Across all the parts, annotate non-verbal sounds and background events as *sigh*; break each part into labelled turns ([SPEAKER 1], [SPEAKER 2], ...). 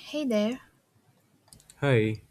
[SPEAKER 1] Hey there.
[SPEAKER 2] Hi.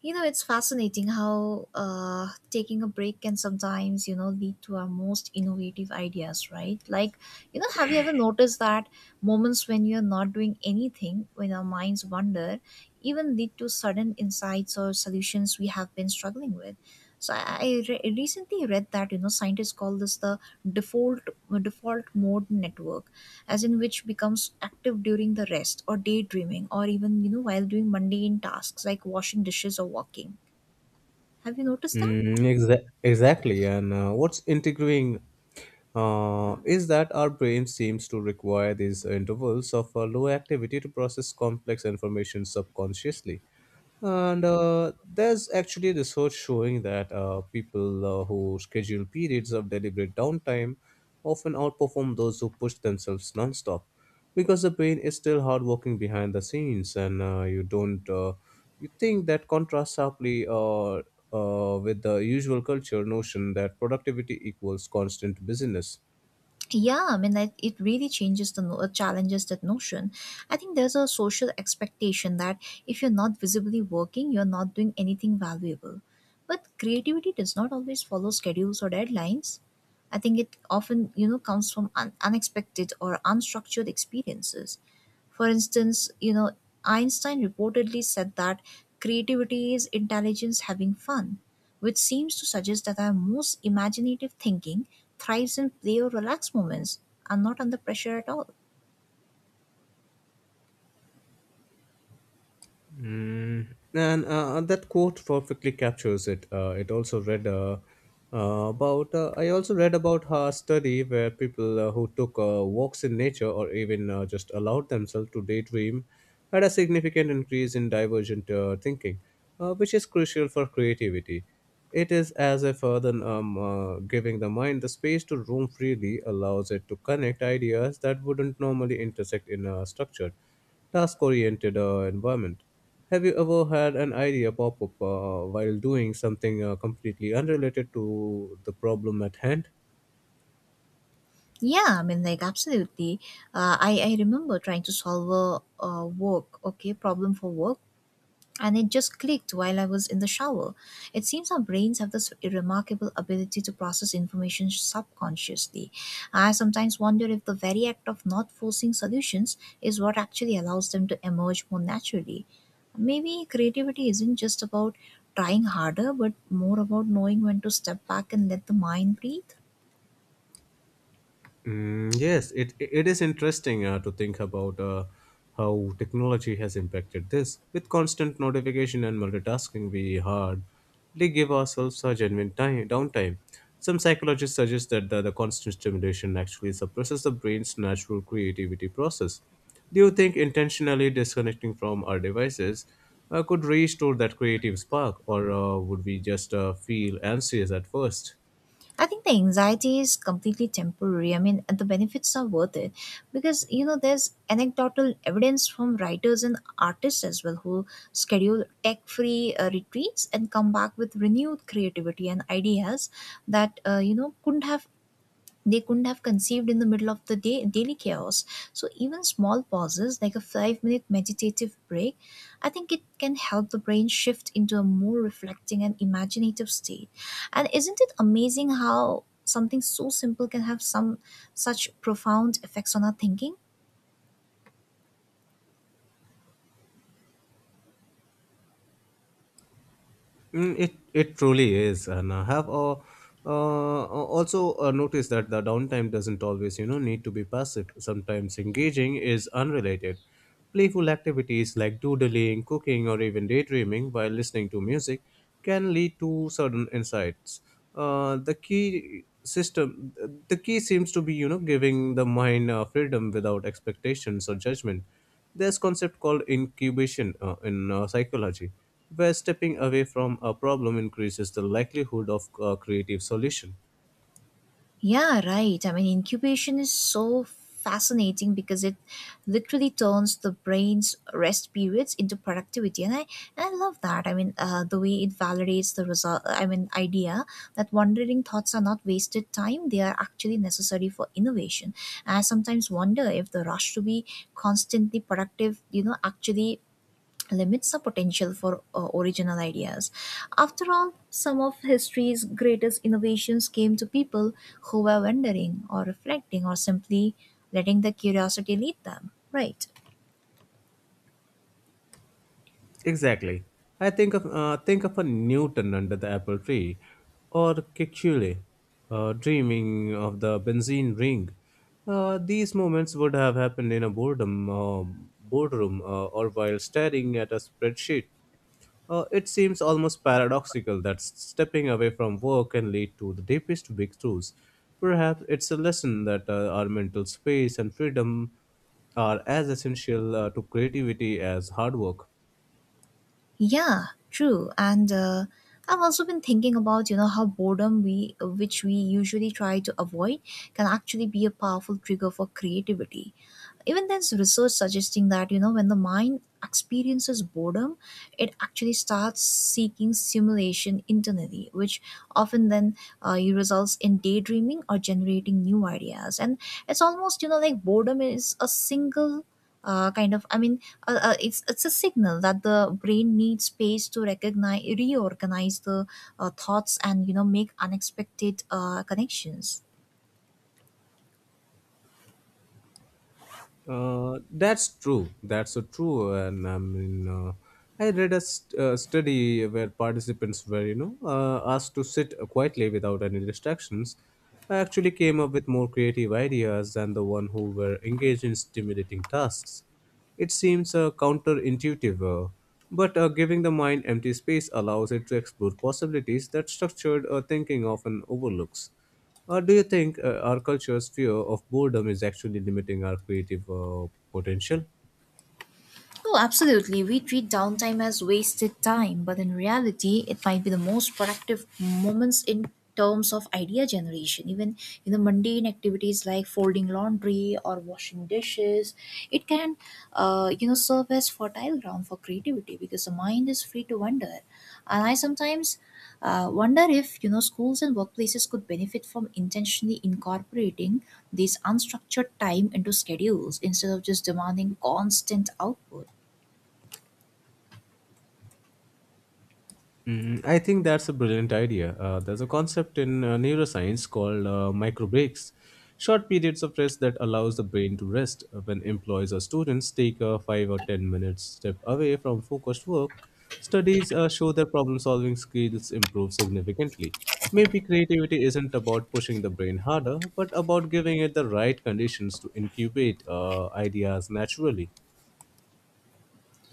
[SPEAKER 1] You know, it's fascinating how taking a break can sometimes, you know, lead to our most innovative ideas, right? Have you ever noticed that moments when you're not doing anything, when our minds wander, even lead to sudden insights or solutions we have been struggling with? So I Recently read that, you know, scientists call this the default default mode network, as in which becomes active during the rest or daydreaming, or even, you know, while doing mundane tasks like washing dishes or walking. Have you noticed that?
[SPEAKER 2] Exactly. And what's intriguing is that our brain seems to require these intervals of low activity to process complex information subconsciously. And there's actually research showing that people who schedule periods of deliberate downtime often outperform those who push themselves nonstop, because the brain is still hard working behind the scenes and you don't you think that contrasts sharply with the usual culture notion that productivity equals constant busyness.
[SPEAKER 1] Yeah, I mean, like, it really changes the challenges that notion. I think there's a social expectation that if you're not visibly working, you're not doing anything valuable, but creativity does not always follow schedules or deadlines. I think it often, you know, comes from unexpected or unstructured experiences. For instance, you know, Einstein reportedly said that creativity is intelligence having fun, which seems to suggest that our most imaginative thinking thrives in play or relaxed moments and not under pressure at all.
[SPEAKER 2] And that quote perfectly captures it. It also read about. I also read about her study where people who took walks in nature or even just allowed themselves to daydream, had a significant increase in divergent thinking, which is crucial for creativity. It is as if then, giving the mind the space to roam freely allows it to connect ideas that wouldn't normally intersect in a structured, task-oriented environment. Have you ever had an idea pop up while doing something completely unrelated to the problem at hand?
[SPEAKER 1] Yeah, I mean, like, absolutely. I remember trying to solve a work, okay, problem for work, and it just clicked while I was in the shower. It seems our brains have this remarkable ability to process information subconsciously. I sometimes wonder if the very act of not forcing solutions is what actually allows them to emerge more naturally. Maybe creativity isn't just about trying harder, but more about knowing when to step back and let the mind breathe.
[SPEAKER 2] Mm, yes, it is interesting to think about how technology has impacted this. With constant notification and multitasking, we hardly give ourselves a genuine time downtime. Some psychologists suggest that the constant stimulation actually suppresses the brain's natural creativity process. Do you think intentionally disconnecting from our devices could restore that creative spark, or would we just feel anxious at first?
[SPEAKER 1] I think the anxiety is completely temporary. I mean, and the benefits are worth it, because, you know, there's anecdotal evidence from writers and artists as well who schedule tech-free retreats and come back with renewed creativity and ideas that, you know, couldn't have, they couldn't have conceived in the middle of the day, daily chaos. So, even small pauses like a 5 minute meditative break, I think it can help the brain shift into a more reflecting and imaginative state. And isn't it amazing how something so simple can have some such profound effects on our thinking?
[SPEAKER 2] It truly is, and I have uh, also noticed that the downtime doesn't always need to be passive. Sometimes engaging is unrelated. Playful activities like doodling, cooking, or even daydreaming while listening to music can lead to certain insights. Uh, the key system, the key seems to be, giving the mind freedom without expectations or judgment. There's concept called incubation in psychology, where stepping away from a problem increases the likelihood of a creative solution.
[SPEAKER 1] Yeah, right. I mean, incubation is so fascinating because it literally turns the brain's rest periods into productivity, and I love that. I mean, the way it validates the result I mean idea that wandering thoughts are not wasted time, they are actually necessary for innovation. And I sometimes wonder if the rush to be constantly productive, you know, actually limits the potential for original ideas. After all, some of history's greatest innovations came to people who were wondering or reflecting or simply letting their curiosity lead them, right?
[SPEAKER 2] Exactly. I think of a Newton under the apple tree, or Kekule, dreaming of the benzene ring. These moments would have happened in a boardroom, or while staring at a spreadsheet. It seems almost paradoxical that stepping away from work can lead to the deepest breakthroughs. Perhaps it's a lesson that our mental space and freedom are as essential to creativity as hard work.
[SPEAKER 1] Yeah, true. And I've also been thinking about, you know, how boredom, we which we usually try to avoid, can actually be a powerful trigger for creativity. Even there's research suggesting that, you know, when the mind experiences boredom, it actually starts seeking stimulation internally, which often then, it results in daydreaming or generating new ideas. And it's almost, you know, like boredom is a single kind of I mean it's a signal that the brain needs space to recognize reorganize the thoughts, and, you know, make unexpected connections.
[SPEAKER 2] That's true. That's so true. And I mean, I read a study where participants were, asked to sit quietly without any distractions. I actually came up with more creative ideas than the one who were engaged in stimulating tasks. It seems counterintuitive, but giving the mind empty space allows it to explore possibilities that structured thinking often overlooks. Or do you think our culture's fear of boredom is actually limiting our creative potential?
[SPEAKER 1] Oh, absolutely. We treat downtime as wasted time, but in reality, it might be the most productive moments in terms of idea generation. Even in the mundane activities like folding laundry or washing dishes, it can, you know, serve as fertile ground for creativity because the mind is free to wonder. And I sometimes wonder if, you know, schools and workplaces could benefit from intentionally incorporating this unstructured time into schedules instead of just demanding constant output.
[SPEAKER 2] I think that's a brilliant idea. There's a concept in neuroscience called micro breaks, short periods of rest that allows the brain to rest. When employees or students take a 5 or 10 minutes step away from focused work, studies show that problem-solving skills improve significantly. Maybe creativity isn't about pushing the brain harder, but about giving it the right conditions to incubate ideas naturally.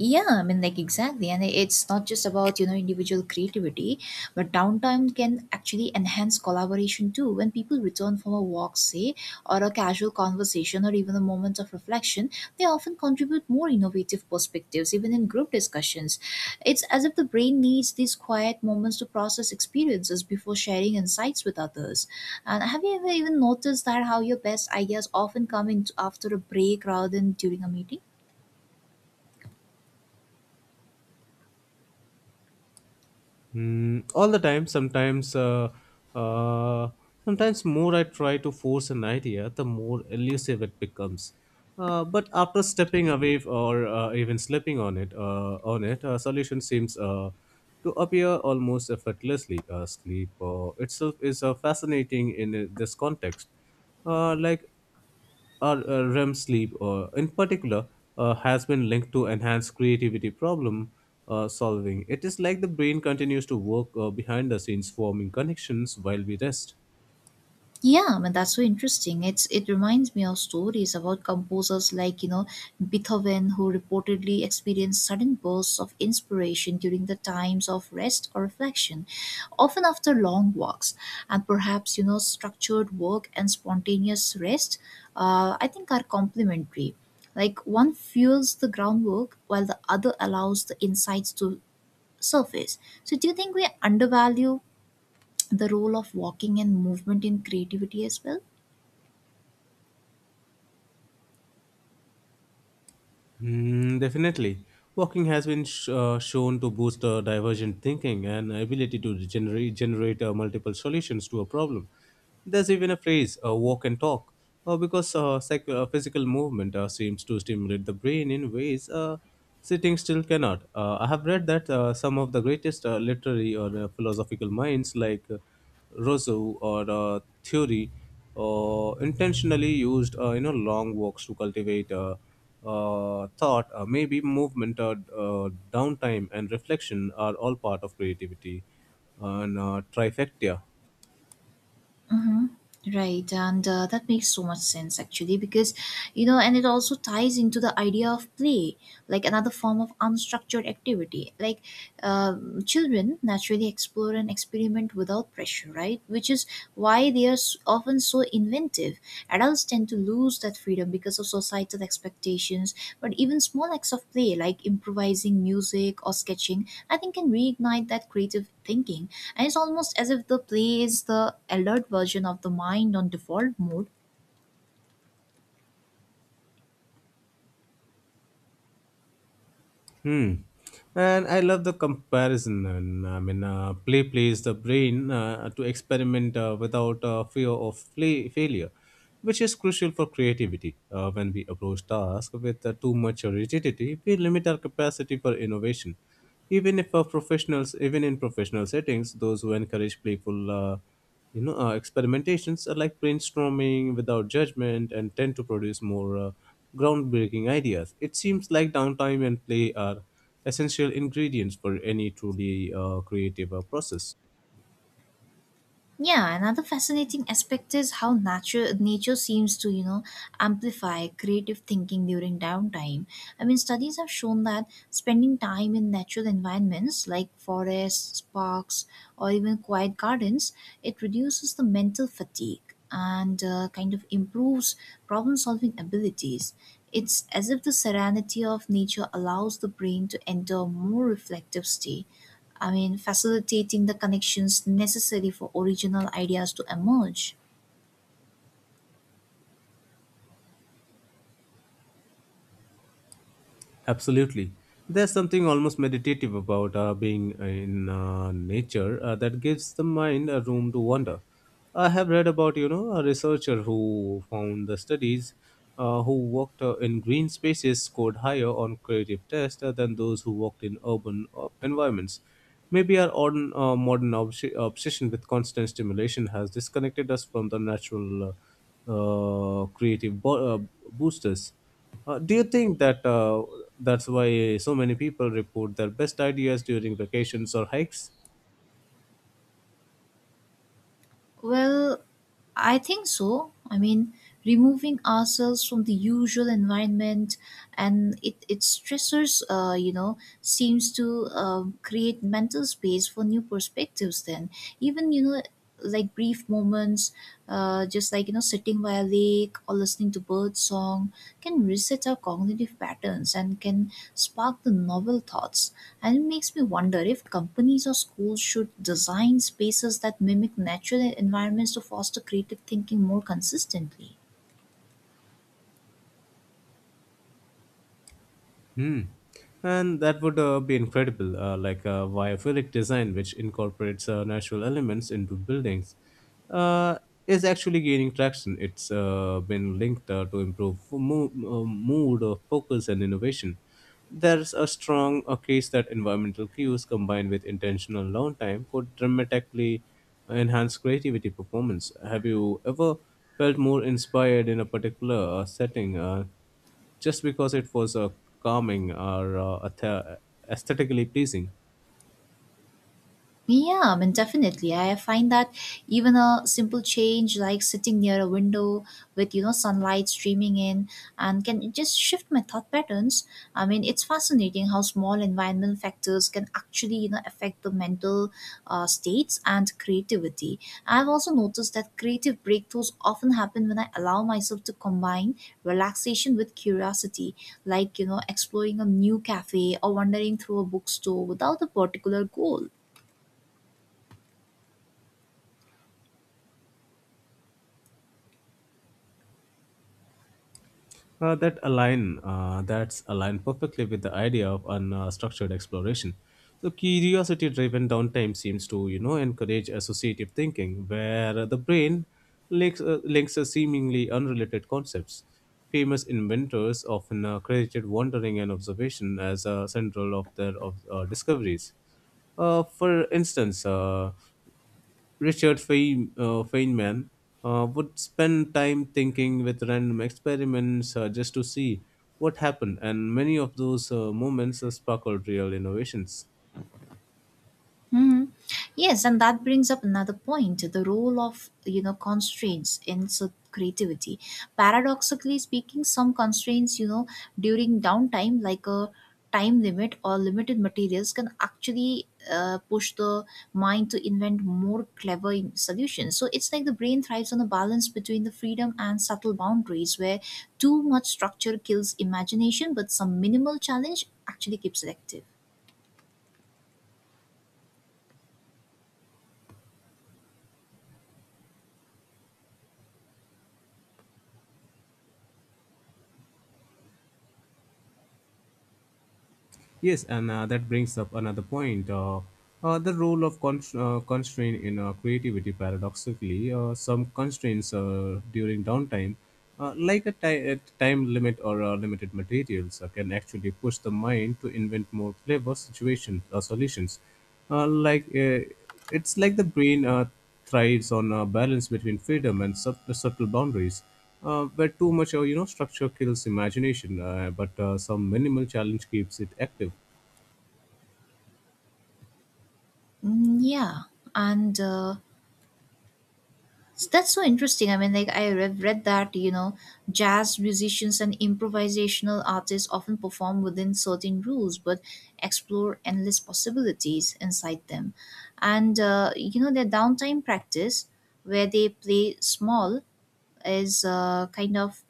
[SPEAKER 1] Yeah, I mean, like, exactly, and it's not just about, you know, individual creativity, but downtime can actually enhance collaboration too. When people return from a walk, say, or a casual conversation, or even a moment of reflection, they often contribute more innovative perspectives, even in group discussions. It's as if the brain needs these quiet moments to process experiences before sharing insights with others. And have you ever even noticed that how your best ideas often come in after a break rather than during a meeting?
[SPEAKER 2] Mm, all the time. Uh, sometimes more I try to force an idea, the more elusive it becomes. But after stepping away or even slipping on it, a solution seems to appear almost effortlessly. Sleep itself is fascinating in this context. Like or REM sleep, in particular, has been linked to enhanced creativity problem solving. It is like the brain continues to work behind the scenes, forming connections while we rest.
[SPEAKER 1] Yeah, I mean, that's so interesting. It reminds me of stories about composers like, you know, Beethoven, who reportedly experienced sudden bursts of inspiration during the times of rest or reflection, often after long walks. And perhaps, you know, structured work and spontaneous rest, I think, are complementary. Like, one fuels the groundwork while the other allows the insights to surface. So do you think we undervalue the role of walking and movement in creativity as well?
[SPEAKER 2] Mm, definitely. Walking has been shown to boost divergent thinking and ability to generate multiple solutions to a problem. There's even a phrase, walk and talk, because physical movement seems to stimulate the brain in ways sitting still cannot. I have read that some of the greatest literary or philosophical minds, like Rousseau or Theory, intentionally used long walks to cultivate. Thought, maybe movement, uh, downtime, and reflection are all part of creativity and trifecta.
[SPEAKER 1] Mm-hmm. Right, and that makes so much sense actually, because, you know, and it also ties into the idea of play, like another form of unstructured activity. Like, children naturally explore and experiment without pressure, right? Which is why they are often so inventive. Adults tend to lose that freedom because of societal expectations, but even small acts of play, like improvising music or sketching, I think, can reignite that creative thinking. And it's almost as if the play is the alert version of the mind on default mode.
[SPEAKER 2] Hmm. And I love the comparison. And I mean, play plays the brain to experiment without fear of failure, which is crucial for creativity. When we approach tasks with too much rigidity, we limit our capacity for innovation. Even if professionals Even in professional settings, those who encourage playful experimentations are like brainstorming without judgment and tend to produce more groundbreaking ideas. It seems like downtime and play are essential ingredients for any truly creative process.
[SPEAKER 1] Yeah, another fascinating aspect is how nature seems to, you know, amplify creative thinking during downtime. I mean, studies have shown that spending time in natural environments like forests, parks, or even quiet gardens, it reduces the mental fatigue and, kind of improves problem-solving abilities. It's as if the serenity of nature allows the brain to enter a more reflective state, I mean, facilitating the connections necessary for original ideas to emerge.
[SPEAKER 2] Absolutely. There's something almost meditative about being in nature that gives the mind a room to wander. I have read about, a researcher who found the studies who walked in green spaces scored higher on creative tests than those who walked in urban environments. Maybe our modern obsession with constant stimulation has disconnected us from the natural creative boosters. Do you think that that's why so many people report their best ideas during vacations or hikes?
[SPEAKER 1] Well, I think so. I mean, removing ourselves from the usual environment and its stressors, you know, seems to create mental space for new perspectives, then, even, you know, like brief moments. Just like, you know, sitting by a lake or listening to bird song can reset our cognitive patterns and can spark the novel thoughts. And it makes me wonder if companies or schools should design spaces that mimic natural environments to foster creative thinking more consistently.
[SPEAKER 2] Hmm. And that would be incredible, like a biophilic design which incorporates natural elements into buildings, uh, is actually gaining traction. It's been linked to improve mood, focus, and innovation. There's a strong case that environmental cues combined with intentional downtime could dramatically enhance creativity performance. Have you ever felt more inspired in a particular setting? Just because it was calming or aesthetically pleasing.
[SPEAKER 1] Yeah, I mean, definitely. I find that even a simple change like sitting near a window with, you know, sunlight streaming in, and can just shift my thought patterns. I mean, it's fascinating how small environmental factors can actually, you know, affect the mental states and creativity. I've also noticed that creative breakthroughs often happen when I allow myself to combine relaxation with curiosity, like, you know, exploring a new cafe or wandering through a bookstore without a particular goal.
[SPEAKER 2] That's aligned perfectly with the idea of unstructured exploration. So curiosity-driven downtime seems to encourage associative thinking, where the brain links seemingly unrelated concepts. Famous inventors often credited wandering and observation as central of their discoveries. For instance, Richard Feynman would spend time thinking with random experiments just to see what happened, and many of those moments sparkled real innovations.
[SPEAKER 1] Hmm. Yes, and that brings up another point: the role of, you know, constraints in creativity. Paradoxically speaking, some constraints, you know, during downtime, like a time limit or limited materials, can actually push the mind to invent more clever solutions. So it's like the brain thrives on a balance between the freedom and subtle boundaries, where too much structure kills imagination, but some minimal challenge actually keeps it active.
[SPEAKER 2] Yes, and that brings up another point. The role of constraint in creativity, paradoxically, some constraints during downtime, like a time limit or limited materials, can actually push the mind to invent more clever situations or solutions. Uh, like uh, it's like the brain thrives on a balance between freedom and subtle boundaries, where too much structure kills imagination, but some minimal challenge keeps it active.
[SPEAKER 1] Mm, yeah, and. So that's so interesting. I mean, like, read that, you know, jazz musicians and improvisational artists often perform within certain rules, but explore endless possibilities inside them. And, you know, their downtime practice, where they play small, is kind of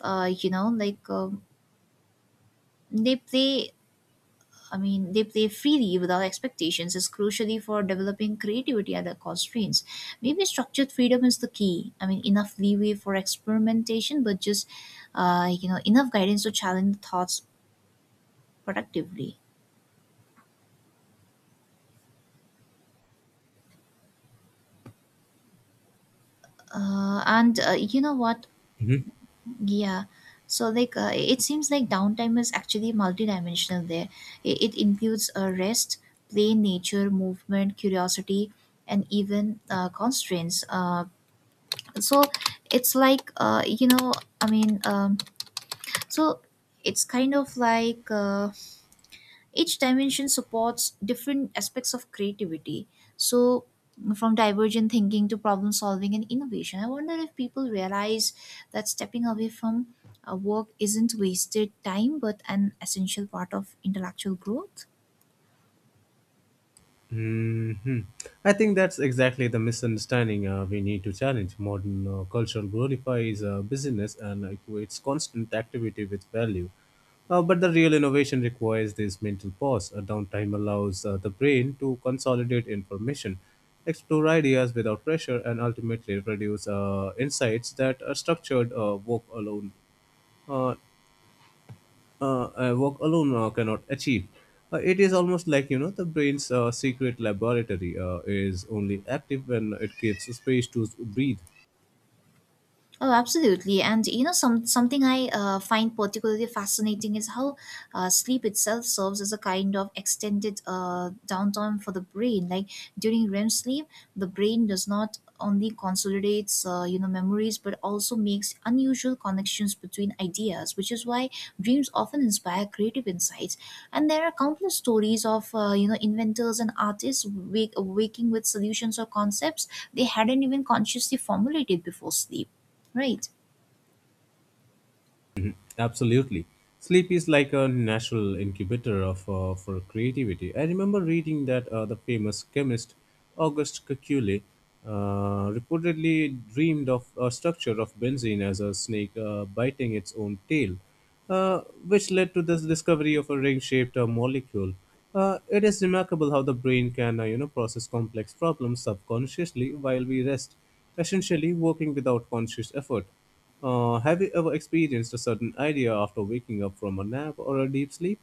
[SPEAKER 1] you know like they play i mean, they play freely without expectations, is crucially for developing creativity at the constraints. Maybe structured freedom is the key. I mean, enough leeway for experimentation, but just you know, enough guidance to challenge the thoughts productively. And You know what? Yeah. So, like, it seems like downtime is actually multidimensional. It includes rest, play, nature, movement, curiosity, and even constraints. So it's like you know I mean so it's kind of like Each dimension supports different aspects of creativity, so from divergent thinking to problem solving and innovation, I wonder if people realize that stepping away from work isn't wasted time, but an essential part of intellectual growth.
[SPEAKER 2] Hmm. I think that's exactly the misunderstanding we need to challenge. Modern culture glorifies busyness and equates constant activity with value. But the real innovation requires this mental pause. A downtime allows the brain to consolidate information, explore ideas without pressure, and ultimately produce insights that a structured uh, work alone cannot achieve. It is almost like the brain's secret laboratory is only active when it gives space to breathe.
[SPEAKER 1] Oh, absolutely. And, you know, something I find particularly fascinating is how sleep itself serves as a kind of extended downtime for the brain. Like, during REM sleep, the brain does not only consolidates, you know, memories, but also makes unusual connections between ideas, which is why dreams often inspire creative insights. And there are countless stories of, you know, inventors and artists waking with solutions or concepts they hadn't even consciously formulated before sleep. Right.
[SPEAKER 2] Mm-hmm. Absolutely. Sleep is like a natural incubator of for creativity. I remember reading that the famous chemist Auguste Kekulé reportedly dreamed of a structure of benzene as a snake biting its own tail, uh, which led to this discovery of a ring-shaped molecule. It is remarkable how the brain can, process complex problems subconsciously while we rest, essentially working without conscious effort. Have you ever experienced a sudden idea after waking up from a nap or a deep sleep?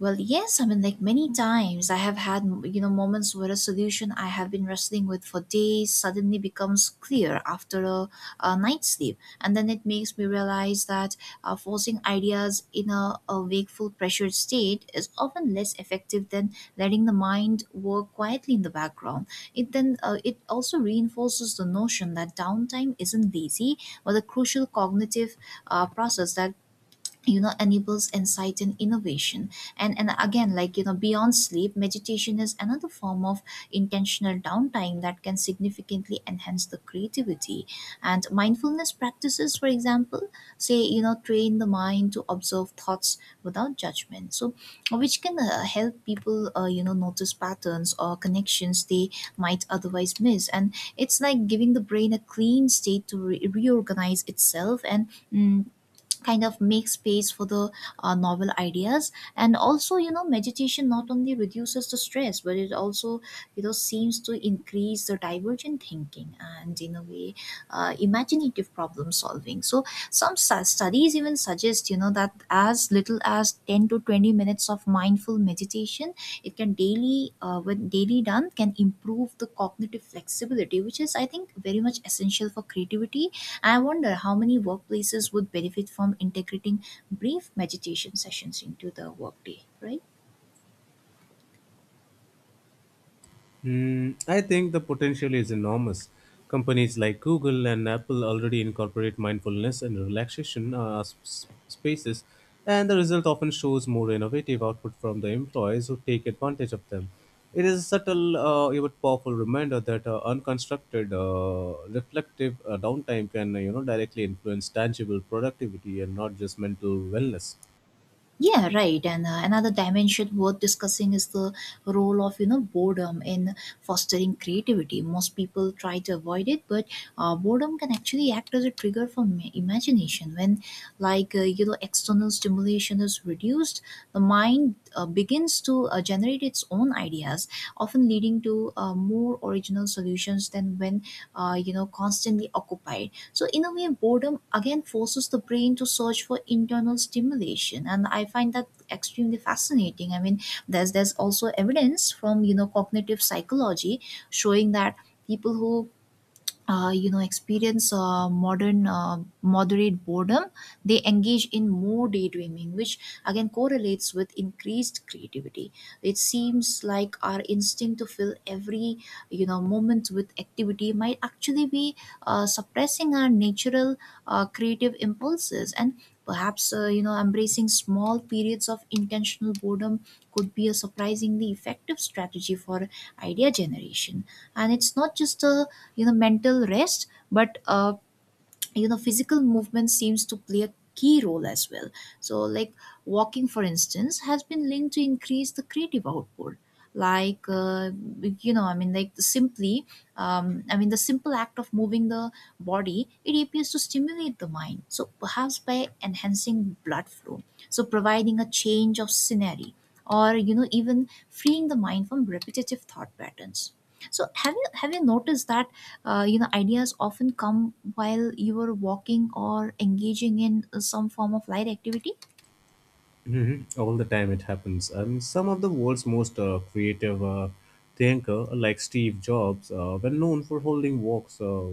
[SPEAKER 1] Well, yes, I mean, like, many times I have had, you know, moments where a solution I have been wrestling with for days suddenly becomes clear after a night's sleep. And then it makes me realize that forcing ideas in a wakeful, pressured state is often less effective than letting the mind work quietly in the background. It then, it also reinforces the notion that downtime isn't lazy, but a crucial cognitive process that enables insight and innovation. And again, beyond sleep, meditation is another form of intentional downtime that can significantly enhance the creativity and mindfulness practices. For example, say you know train the mind to observe thoughts without judgment, so which can help people, notice patterns or connections they might otherwise miss. And it's like giving the brain a clean state to reorganize itself and kind of make space for the novel ideas. And also, meditation not only reduces the stress, but it also, seems to increase the divergent thinking and in a way, imaginative problem solving. So studies even suggest, that as little as 10 to 20 minutes of mindful meditation, it can daily, when daily done, can improve the cognitive flexibility, which is, I think, very much essential for creativity. I wonder how many workplaces would benefit from integrating brief meditation sessions into the workday, right?
[SPEAKER 2] Hmm, I think the potential is enormous. Companies like Google and Apple already incorporate mindfulness and relaxation spaces, and the result often shows more innovative output from the employees who take advantage of them. It is a subtle yet powerful reminder that unconstructed, reflective downtime can directly influence tangible productivity and not just mental wellness.
[SPEAKER 1] Yeah, right. And another dimension worth discussing is the role of, boredom in fostering creativity. Most people try to avoid it, but boredom can actually act as a trigger for imagination. When, external stimulation is reduced, the mind begins to generate its own ideas, often leading to more original solutions than when constantly occupied. So, in a way, boredom again forces the brain to search for internal stimulation, and I find that extremely fascinating. I mean, there's also evidence from, cognitive psychology showing that people who experience modern moderate boredom, they engage in more daydreaming, which again correlates with increased creativity. It seems like our instinct to fill every, moment with activity might actually be suppressing our natural creative impulses. And perhaps, embracing small periods of intentional boredom could be a surprisingly effective strategy for idea generation. And it's not just a, mental rest, but physical movement seems to play a key role as well. So like walking, for instance, has been linked to increase the creative output. Like you know I mean like the simply I mean The simple act of moving the body, it appears to stimulate the mind. So perhaps by enhancing blood flow, so providing a change of scenery, or, even freeing the mind from repetitive thought patterns. So have you noticed that, ideas often come while you are walking or engaging in some form of light activity?
[SPEAKER 2] Mhm. All the time it happens. And some of the world's most creative thinker, like Steve Jobs, were known for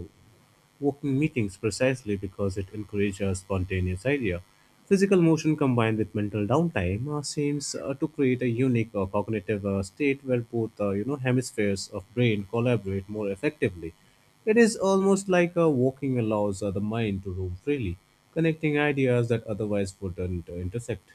[SPEAKER 2] walking meetings precisely because it encourages a spontaneous idea. Physical motion combined with mental downtime seems to create a unique cognitive state where both hemispheres of brain collaborate more effectively. It is almost like walking allows the mind to roam freely, connecting ideas that otherwise wouldn't intersect.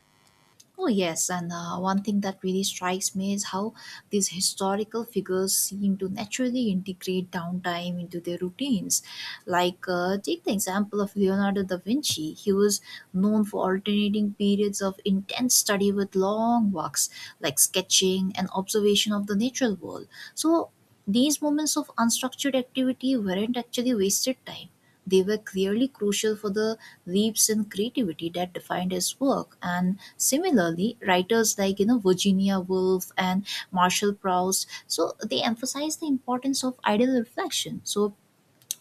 [SPEAKER 1] Oh, yes. And one thing that really strikes me is how these historical figures seem to naturally integrate downtime into their routines. Like, take the example of Leonardo da Vinci. He was known for alternating periods of intense study with long walks, like sketching and observation of the natural world. So these moments of unstructured activity weren't actually wasted time. They were clearly crucial for the leaps in creativity that defined his work. And similarly, writers like, Virginia Woolf and Marshall Proust, so they emphasize the importance of idle reflection. So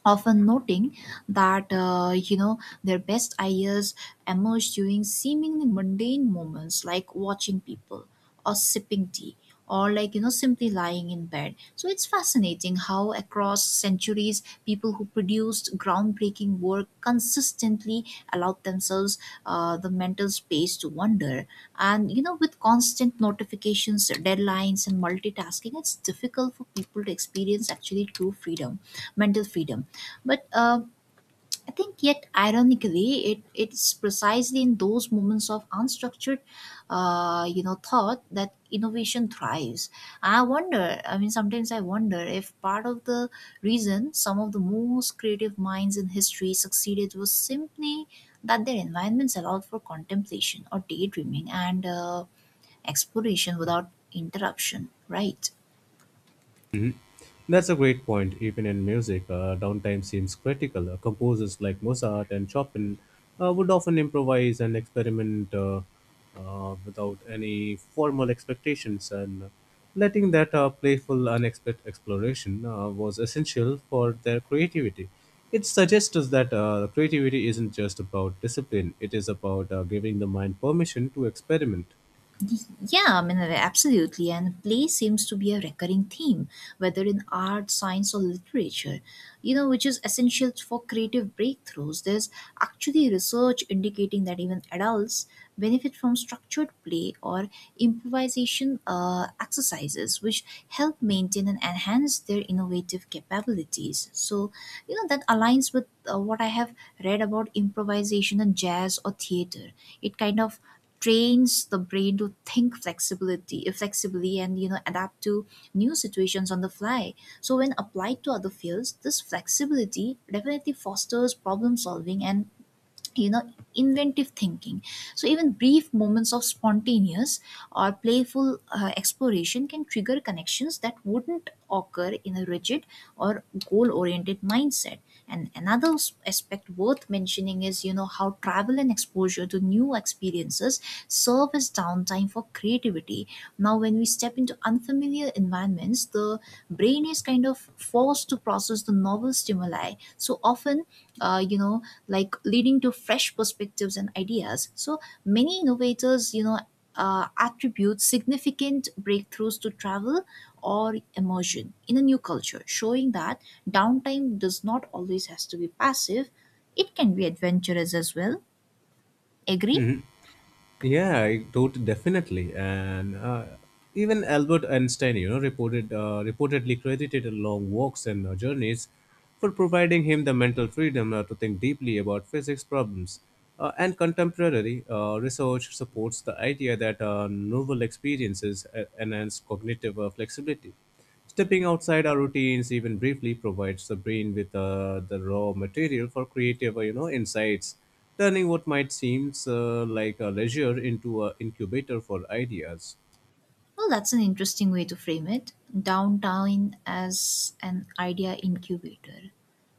[SPEAKER 1] often noting that, their best ideas emerge during seemingly mundane moments, like watching people, or sipping tea, or simply lying in bed. So it's fascinating how across centuries, people who produced groundbreaking work consistently allowed themselves the mental space to wonder. And, with constant notifications, deadlines, and multitasking, it's difficult for people to experience actually true freedom, mental freedom. But I think, yet ironically, it's precisely in those moments of unstructured, thought that innovation thrives. I wonder. I mean, sometimes I wonder if part of the reason some of the most creative minds in history succeeded was simply that their environments allowed for contemplation or daydreaming and exploration without interruption. Right.
[SPEAKER 2] That's a great point. Even in music, downtime seems critical. Composers like Mozart and Chopin would often improvise and experiment without any formal expectations, and letting that playful, unexpected exploration was essential for their creativity. It suggests us that creativity isn't just about discipline, it is about giving the mind permission to experiment.
[SPEAKER 1] Yeah, I mean, absolutely. And play seems to be a recurring theme, whether in art, science, or literature, which is essential for creative breakthroughs. There's actually research indicating that even adults benefit from structured play or improvisation exercises, which help maintain and enhance their innovative capabilities. So, that aligns with what I have read about improvisation in jazz or theater. It kind of trains the brain to think flexibility flexibly, and, adapt to new situations on the fly. So when applied to other fields, this flexibility definitely fosters problem solving and, you know inventive thinking. So even brief moments of spontaneous or playful exploration can trigger connections that wouldn't occur in a rigid or goal oriented mindset. And another aspect worth mentioning is, how travel and exposure to new experiences serve as downtime for creativity. Now, when we step into unfamiliar environments, the brain is kind of forced to process the novel stimuli, so often, uh, you know, leading to fresh perspectives and ideas. So many innovators, attribute significant breakthroughs to travel or immersion in a new culture, showing that downtime does not always has to be passive. It can be adventurous as well. Agree?
[SPEAKER 2] Mhm. Yeah, definitely. And even Albert Einstein, reportedly credited long walks and journeys for providing him the mental freedom to think deeply about physics problems. And contemporary research supports the idea that novel experiences enhance cognitive flexibility. Stepping outside our routines, even briefly, provides the brain with the raw material for creative, insights, turning what might seem like a leisure into an incubator for ideas.
[SPEAKER 1] Well, that's an interesting way to frame it. Downtime as an idea incubator.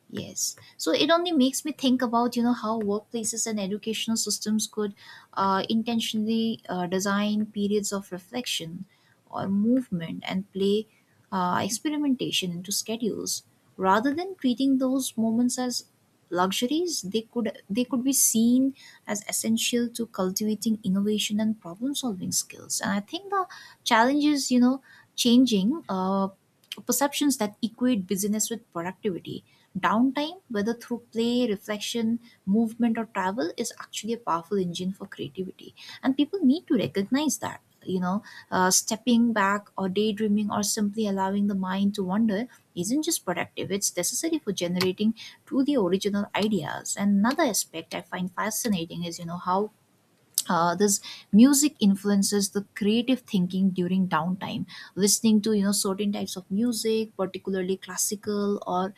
[SPEAKER 1] Yes. So it only makes me think about, how workplaces and educational systems could intentionally design periods of reflection, or movement and play, experimentation into schedules. Rather than treating those moments as luxuries, they could be seen as essential to cultivating innovation and problem solving skills. And I think the challenge is, changing perceptions that equate busyness with productivity. Downtime, whether through play, reflection, movement, or travel, is actually a powerful engine for creativity. And people need to recognize that. Stepping back, or daydreaming, or simply allowing the mind to wander isn't just productive, it's necessary for generating truly original ideas. And another aspect I find fascinating is, how this music influences the creative thinking during downtime. Listening to, certain types of music, particularly classical or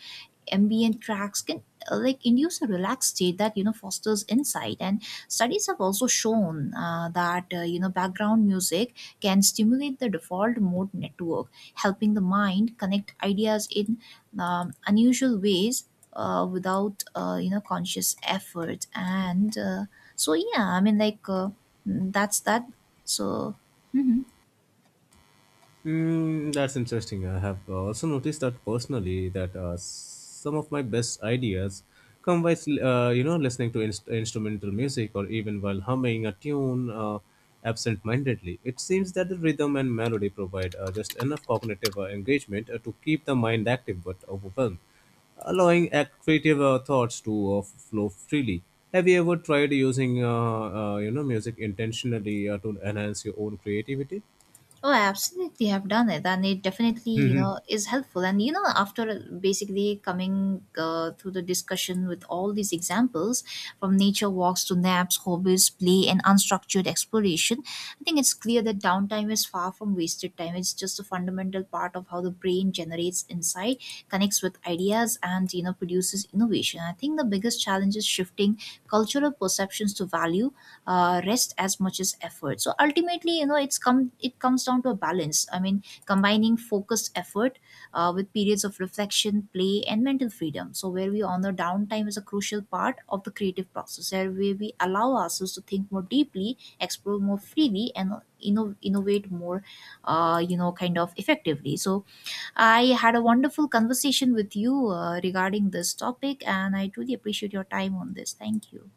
[SPEAKER 1] ambient tracks, can induce a relaxed state that, fosters insight. And studies have also shown that, background music can stimulate the default mode network, helping the mind connect ideas in unusual ways, without, conscious effort. And so yeah I mean like mm, that's that so mhm.
[SPEAKER 2] Mm, that's interesting. I have also noticed that personally that some of my best ideas come by listening to instrumental music or even while humming a tune absent-mindedly. It seems that the rhythm and melody provide just enough cognitive engagement to keep the mind active but overwhelmed, allowing creative thoughts to flow freely. Have you ever tried using music intentionally to enhance your own creativity?
[SPEAKER 1] Oh, I absolutely have done it, and it definitely,
[SPEAKER 2] *laughs*
[SPEAKER 1] is helpful. And, after basically coming through the discussion with all these examples, from nature walks to naps, hobbies, play, and unstructured exploration, I think it's clear that downtime is far from wasted time. It's just a fundamental part of how the brain generates insight, connects with ideas, and, produces innovation. I think the biggest challenge is shifting cultural perceptions to value rest as much as effort. So ultimately, it's comes down to a balance. I mean, combining focused effort with periods of reflection, play, and mental freedom, so where we honor downtime is a crucial part of the creative process, where we allow ourselves to think more deeply, explore more freely, and innovate more, kind of effectively. So I had a wonderful conversation with you regarding this topic, and I truly appreciate your time on this. Thank you.